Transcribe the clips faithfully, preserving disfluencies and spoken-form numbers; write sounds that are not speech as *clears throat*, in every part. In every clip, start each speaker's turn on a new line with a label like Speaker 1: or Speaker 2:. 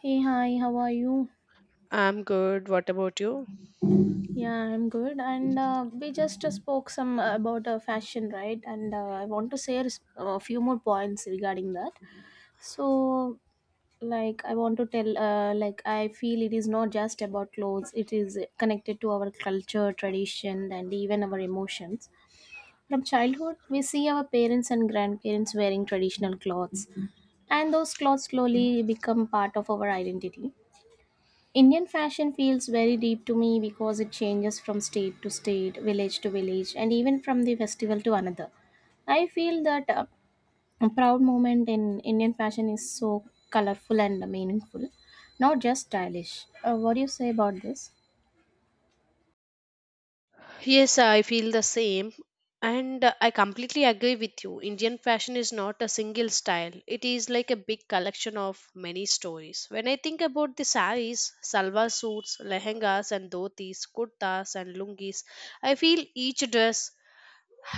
Speaker 1: Hey, hi, how are you?
Speaker 2: I'm good. What about you?
Speaker 1: Yeah, I'm good. And uh, we just uh, spoke some uh, about uh, fashion, right? And uh, I want to share s- a few more points regarding that. So, like, I want to tell, uh, like, I feel it is not just about clothes, it is connected to our culture, tradition, and even our emotions. From childhood, we see our parents and grandparents wearing traditional clothes, and those clothes slowly become part of our identity. Indian fashion feels very deep to me because it changes from state to state, village to village, and even from the festival to another. I feel that uh, a proud moment in Indian fashion is so colorful and meaningful, not just stylish. Uh, what do you say about this?
Speaker 2: Yes, I feel the same. And uh, I completely agree with you. Indian fashion is not a single style, it is like a big collection of many stories. When I think about the saris, salwar suits, lehengas, and dhotis, kurtas, and lungis, I feel each dress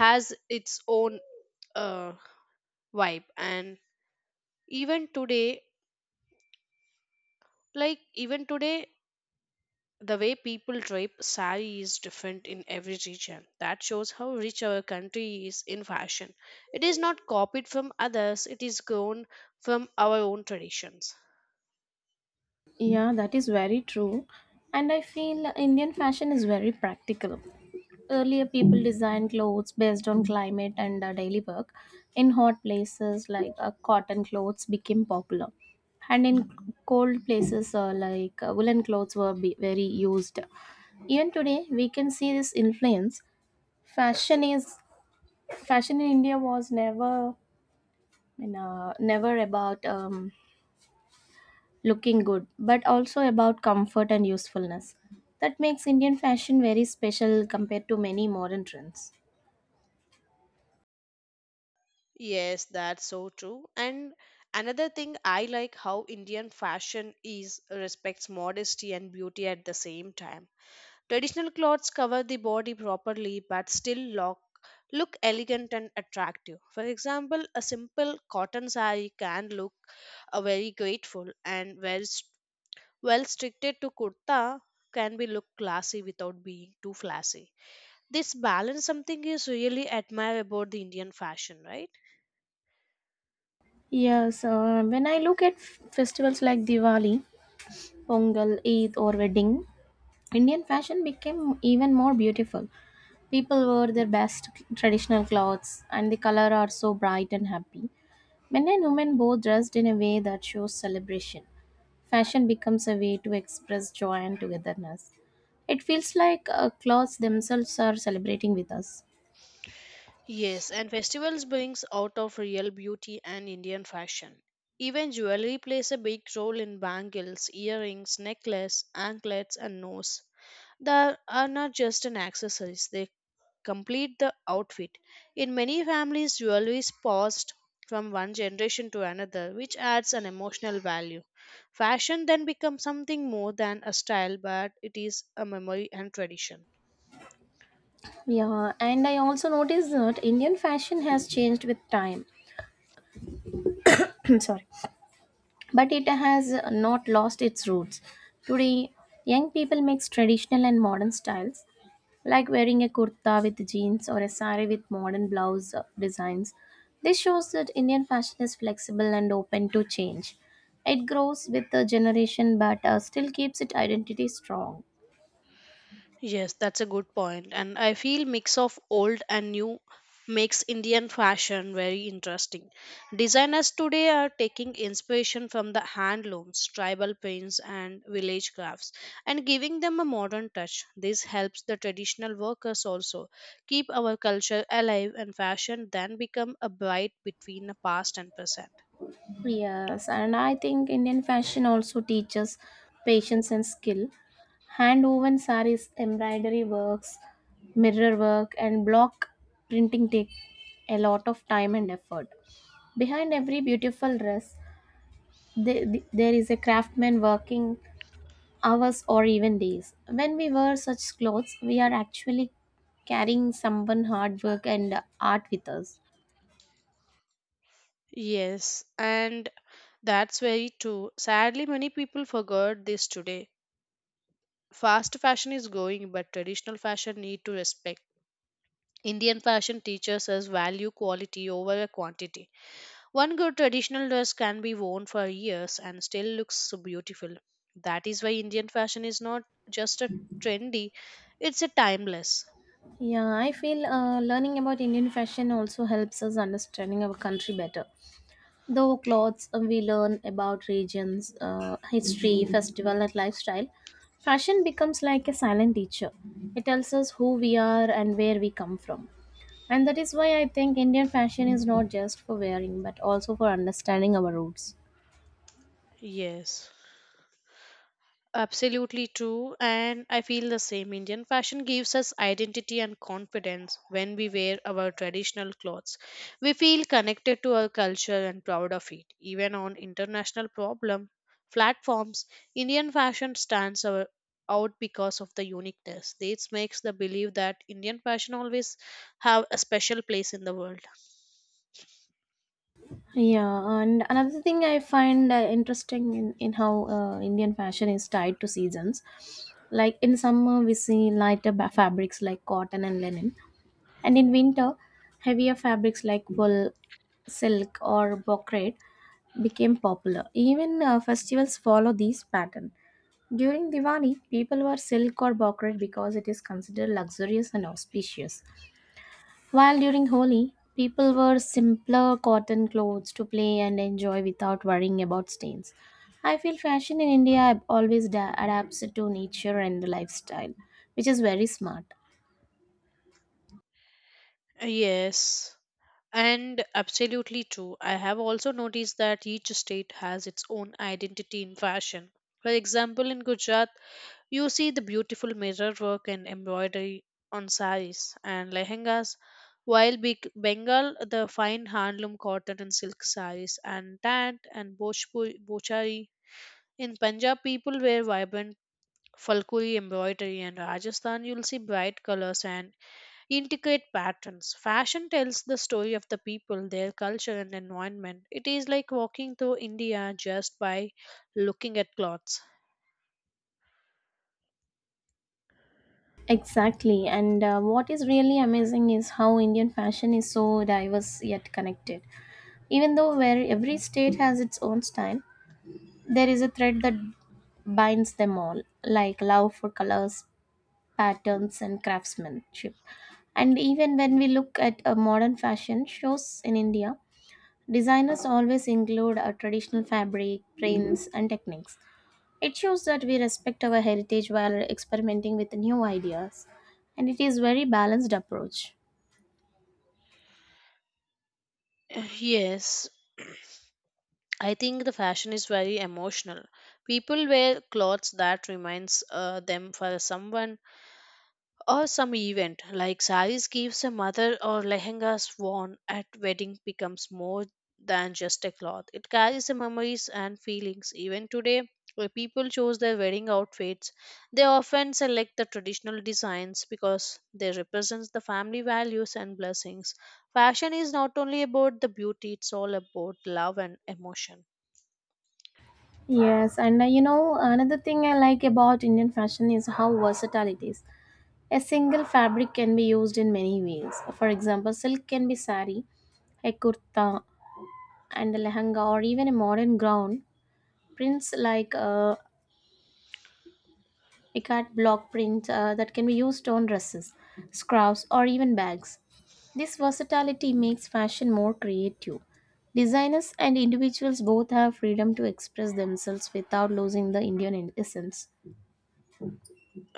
Speaker 2: has its own uh, vibe. And even today, like even today, the way people drape sari is different in every region. That shows how rich our country is in fashion. It is not copied from others, it is grown from our own traditions.
Speaker 1: Yeah, that is very true. And I feel Indian fashion is very practical. Earlier, people designed clothes based on climate and uh, daily work. In hot places, like uh, cotton clothes became popular. And in cold places, uh, like uh, woolen clothes were be- very used. Even today, we can see this influence. Fashion is Fashion in India was never, you know, never about um, looking good, but also about comfort and usefulness. That makes Indian fashion very special compared to many modern trends.
Speaker 2: Yes, that's so true. And another thing I like how Indian fashion is respects modesty and beauty at the same time. Traditional clothes cover the body properly but still look, look elegant and attractive. For example, a simple cotton saree can look uh, very grateful and well, st- well restricted to kurta can be look classy without being too flashy. This balance something is really admirable about the Indian fashion, right?
Speaker 1: Yes, uh, when I look at f- festivals like Diwali, Pongal, Eid, or wedding, Indian fashion became even more beautiful. People wore their best traditional clothes, and the color are so bright and happy. Men and women both dressed in a way that shows celebration. Fashion becomes a way to express joy and togetherness. It feels like uh, clothes themselves are celebrating with us.
Speaker 2: Yes, and festivals brings out of real beauty and Indian fashion. Even jewelry plays a big role in bangles, earrings, necklace, anklets, and nose. They are not just an accessories; they complete the outfit. In many families, jewelry is passed from one generation to another, which adds an emotional value. Fashion then becomes something more than a style, but it is a memory and tradition.
Speaker 1: Yeah, and I also noticed that Indian fashion has changed with time. *clears throat* Sorry, but it has not lost its roots. Today, young people mix traditional and modern styles. Like wearing a kurta with jeans or a sari with modern blouse designs. This shows that Indian fashion is flexible and open to change. It grows with the generation but uh, still keeps its identity strong.
Speaker 2: Yes, that's a good point. And I feel mix of old and new makes Indian fashion very interesting. Designers today are taking inspiration from the handlooms, tribal paints and village crafts and giving them a modern touch. This helps the traditional workers also keep our culture alive and fashion then become a bridge between the past and present.
Speaker 1: Yes, and I think Indian fashion also teaches patience and skill. Hand woven saris, embroidery works, mirror work, and block printing take a lot of time and effort. Behind every beautiful dress, the, the- there is a craftsman working hours or even days. When we wear such clothes, we are actually carrying someone hard work and art with us.
Speaker 2: Yes, and that's very true. Sadly, many people forgot this today. Fast fashion is going, but traditional fashion need to respect. Indian fashion teaches us value quality over a quantity. One good traditional dress can be worn for years and still looks so beautiful. That is why Indian fashion is not just a trendy, it's a timeless.
Speaker 1: Yeah, I feel uh, learning about Indian fashion also helps us understanding our country better. Though clothes, uh, we learn about regions, uh, history, festival, and lifestyle. Fashion becomes like a silent teacher. It tells us who we are and where we come from. And that is why I think Indian fashion is not just for wearing but also for understanding our roots.
Speaker 2: Yes. Absolutely true, and I feel the same. Indian fashion gives us identity and confidence when we wear our traditional clothes. We feel connected to our culture and proud of it. Even on international problem platforms, Indian fashion stands our- out because of the uniqueness. This makes the belief that Indian fashion always have a special place in the world.
Speaker 1: Yeah, and another thing I find uh, interesting in, in how uh, Indian fashion is tied to seasons. Like in summer, we see lighter ba- fabrics like cotton and linen. And in winter, heavier fabrics like wool, silk, or brocade became popular. Even uh, festivals follow these pattern. During Diwali, people wear silk or brocade because it is considered luxurious and auspicious. While during Holi, people wear simpler cotton clothes to play and enjoy without worrying about stains. I feel fashion in India always da- adapts to nature and the lifestyle, which is very smart.
Speaker 2: Yes. And absolutely true. I have also noticed that each state has its own identity in fashion. For example, in Gujarat, you see the beautiful mirror work and embroidery on saris and lehengas, while Beg- Bengal, the fine handloom cotton and silk saris, and tant and Bhojpuri, Bhojari. In Punjab, people wear vibrant falkuri embroidery, and Rajasthan, you'll see bright colors and intricate patterns. Fashion tells the story of the people, their culture, and environment. It is like walking through India just by looking at clothes.
Speaker 1: Exactly. And uh, what is really amazing is how Indian fashion is so diverse yet connected. Even though where every state has its own style, there is a thread that binds them all, like love for colors, patterns, and craftsmanship. And even when we look at a modern fashion shows in India, designers always include a traditional fabric, prints, and techniques. It shows that we respect our heritage while experimenting with new ideas, and it is very balanced approach.
Speaker 2: *sighs* Yes, *clears throat* I think the fashion is very emotional. People wear clothes that reminds uh, them for someone or some event like saris gives a mother or lehengas worn at wedding becomes more than just a cloth, it carries the memories and feelings. Even today when people choose their wedding outfits, they often select the traditional designs because they represent the family values and blessings. Fashion is not only about the beauty, it's all about love and emotion.
Speaker 1: Yes, and uh, you know another thing I like about Indian fashion is how versatile it is. A single fabric can be used in many ways. For example, silk can be sari, a kurta, and a lehenga, or even a modern gown. Prints like uh, Ecart block prints uh, that can be used on dresses, scarves, or even bags. This versatility makes fashion more creative. Designers and individuals both have freedom to express themselves without losing the Indian essence.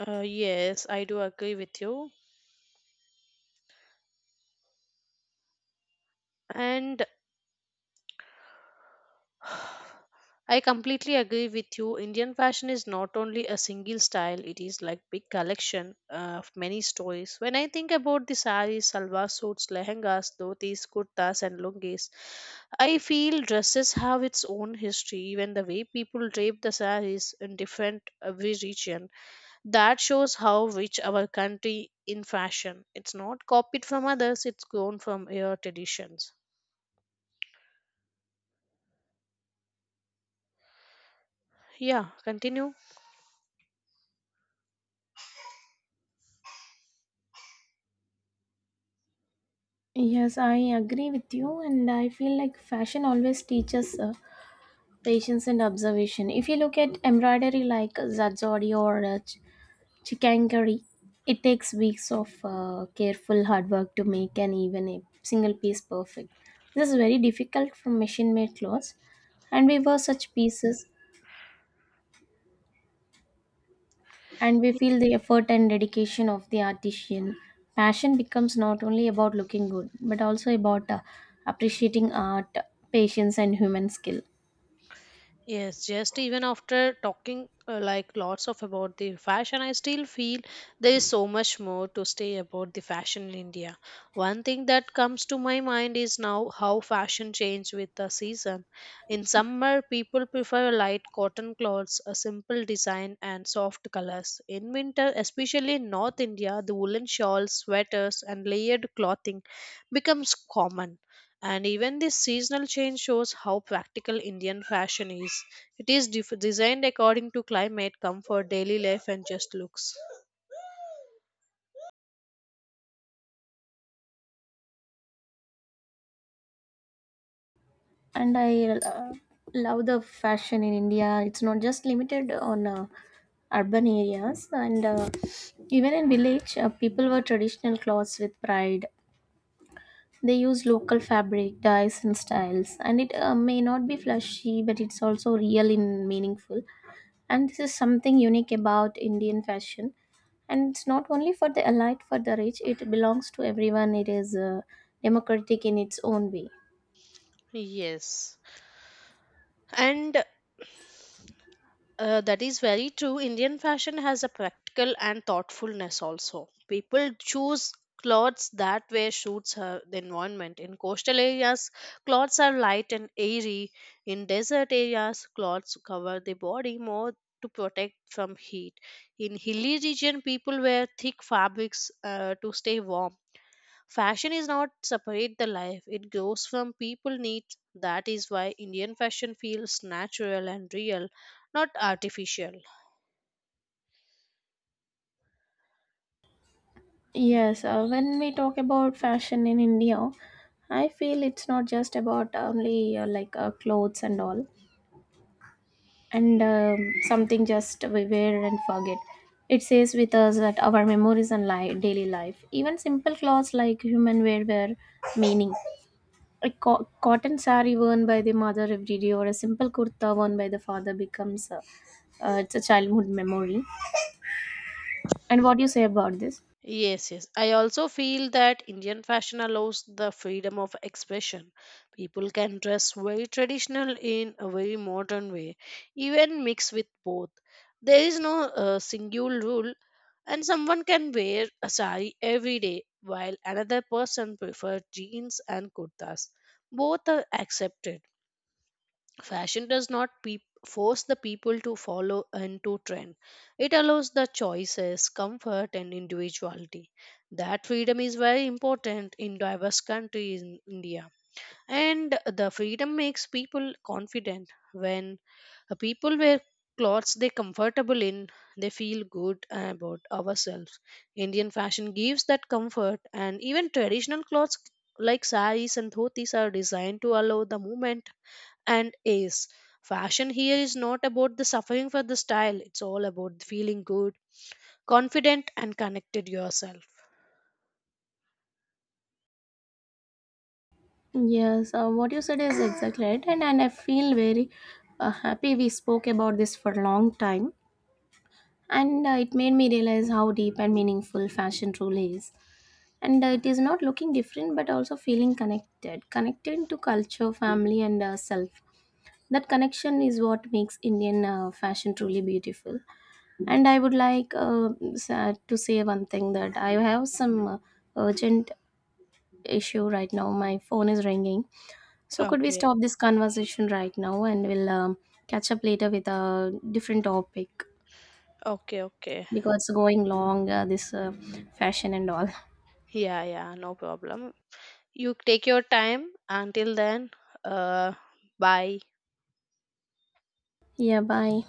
Speaker 2: uh, Yes, I do agree with you, and *sighs* I completely agree with you. Indian fashion is not only a single style, it is like big collection uh, of many stories. When I think about the saris, salwar suits, lehengas, dhotis, kurtas and lungis, I feel dresses have its own history. Even the way people drape the saris in different uh, every region, that shows how rich our country in fashion. It's not copied from others, it's grown from your traditions. Yeah, continue.
Speaker 1: Yes, I agree with you, and I feel like fashion always teaches uh, patience and observation. If you look at embroidery like uh, Zazori or uh, chicken curry. It takes weeks of uh, careful hard work to make and even a single piece perfect. This is very difficult from machine made clothes, and we were such pieces and we feel the effort and dedication of the artisan. Passion becomes not only about looking good but also about uh, appreciating art, patience and human skill.
Speaker 2: Yes, just even after talking uh, like lots of about the fashion, I still feel there is so much more to say about the fashion in India. One thing that comes to my mind is now how fashion changed with the season. In summer, people prefer light cotton clothes, a simple design, and soft colors. In winter, especially in North India, the woolen shawls, sweaters, and layered clothing becomes common. And even this seasonal change shows how practical Indian fashion is. It is def- designed according to climate, comfort, daily life, and just looks.
Speaker 1: And I uh, love the fashion in India. It's not just limited on uh, urban areas, and uh, even in village uh, people wear traditional clothes with pride. They use local fabric dyes and styles, and it uh, may not be flashy but it's also real and meaningful. And this is something unique about Indian fashion, and it's not only for the elite for the rich, it belongs to everyone. It is uh, democratic in its own way.
Speaker 2: Yes. And Uh, that is very true. Indian fashion has a practical and thoughtfulness also. People choose clothes that way suits her, the environment. In coastal areas, clothes are light and airy. In desert areas, clothes cover the body more to protect from heat. In hilly region, people wear thick fabrics uh, to stay warm. Fashion is not separate the life. It grows from people needs. That is why Indian fashion feels natural and real, not artificial.
Speaker 1: Yes, uh, when we talk about fashion in India, I feel it's not just about only uh, like uh, clothes and all, and um, something just we wear and forget. It says with us that our memories and li- daily life. Even simple clothes like human wear wear meaning. A co- cotton sari worn by the mother every day, or a simple kurta worn by the father becomes uh, uh, it's a childhood memory. And what do you say about this?
Speaker 2: Yes, yes. I also feel that Indian fashion allows the freedom of expression. People can dress very traditional in a very modern way, even mix with both. There is no uh, single rule, and someone can wear a sari every day, while another person prefers jeans and kurtas. Both are accepted. Fashion does not peop force the people to follow into trend. It allows the choices, comfort, and individuality. That freedom is very important in diverse country in India. And the freedom makes people confident. When people wear clothes they comfortable in, they feel good about ourselves. Indian fashion gives that comfort, and even traditional clothes like saris and dhotis are designed to allow the movement and ace. Fashion here is not about the suffering for the style, it's all about feeling good, confident, and connected yourself.
Speaker 1: Yes, uh, what you said is exactly right, and, and I feel very uh, happy we spoke about this for a long time, and uh, it made me realize how deep and meaningful fashion truly is. And uh, it is not looking different, but also feeling connected, connected to culture, family, and uh, self. That connection is what makes Indian uh, fashion truly beautiful. And I would like uh, sa- to say one thing that I have some uh, urgent issue right now. My phone is ringing. So, could we
Speaker 2: Okay,
Speaker 1: stop this conversation right now and we'll um, catch up later with a different topic
Speaker 2: okay, okay.
Speaker 1: because going long, uh, this uh, fashion and all.
Speaker 2: Yeah, yeah, no problem. You take your time until then. Uh, bye.
Speaker 1: Yeah, bye.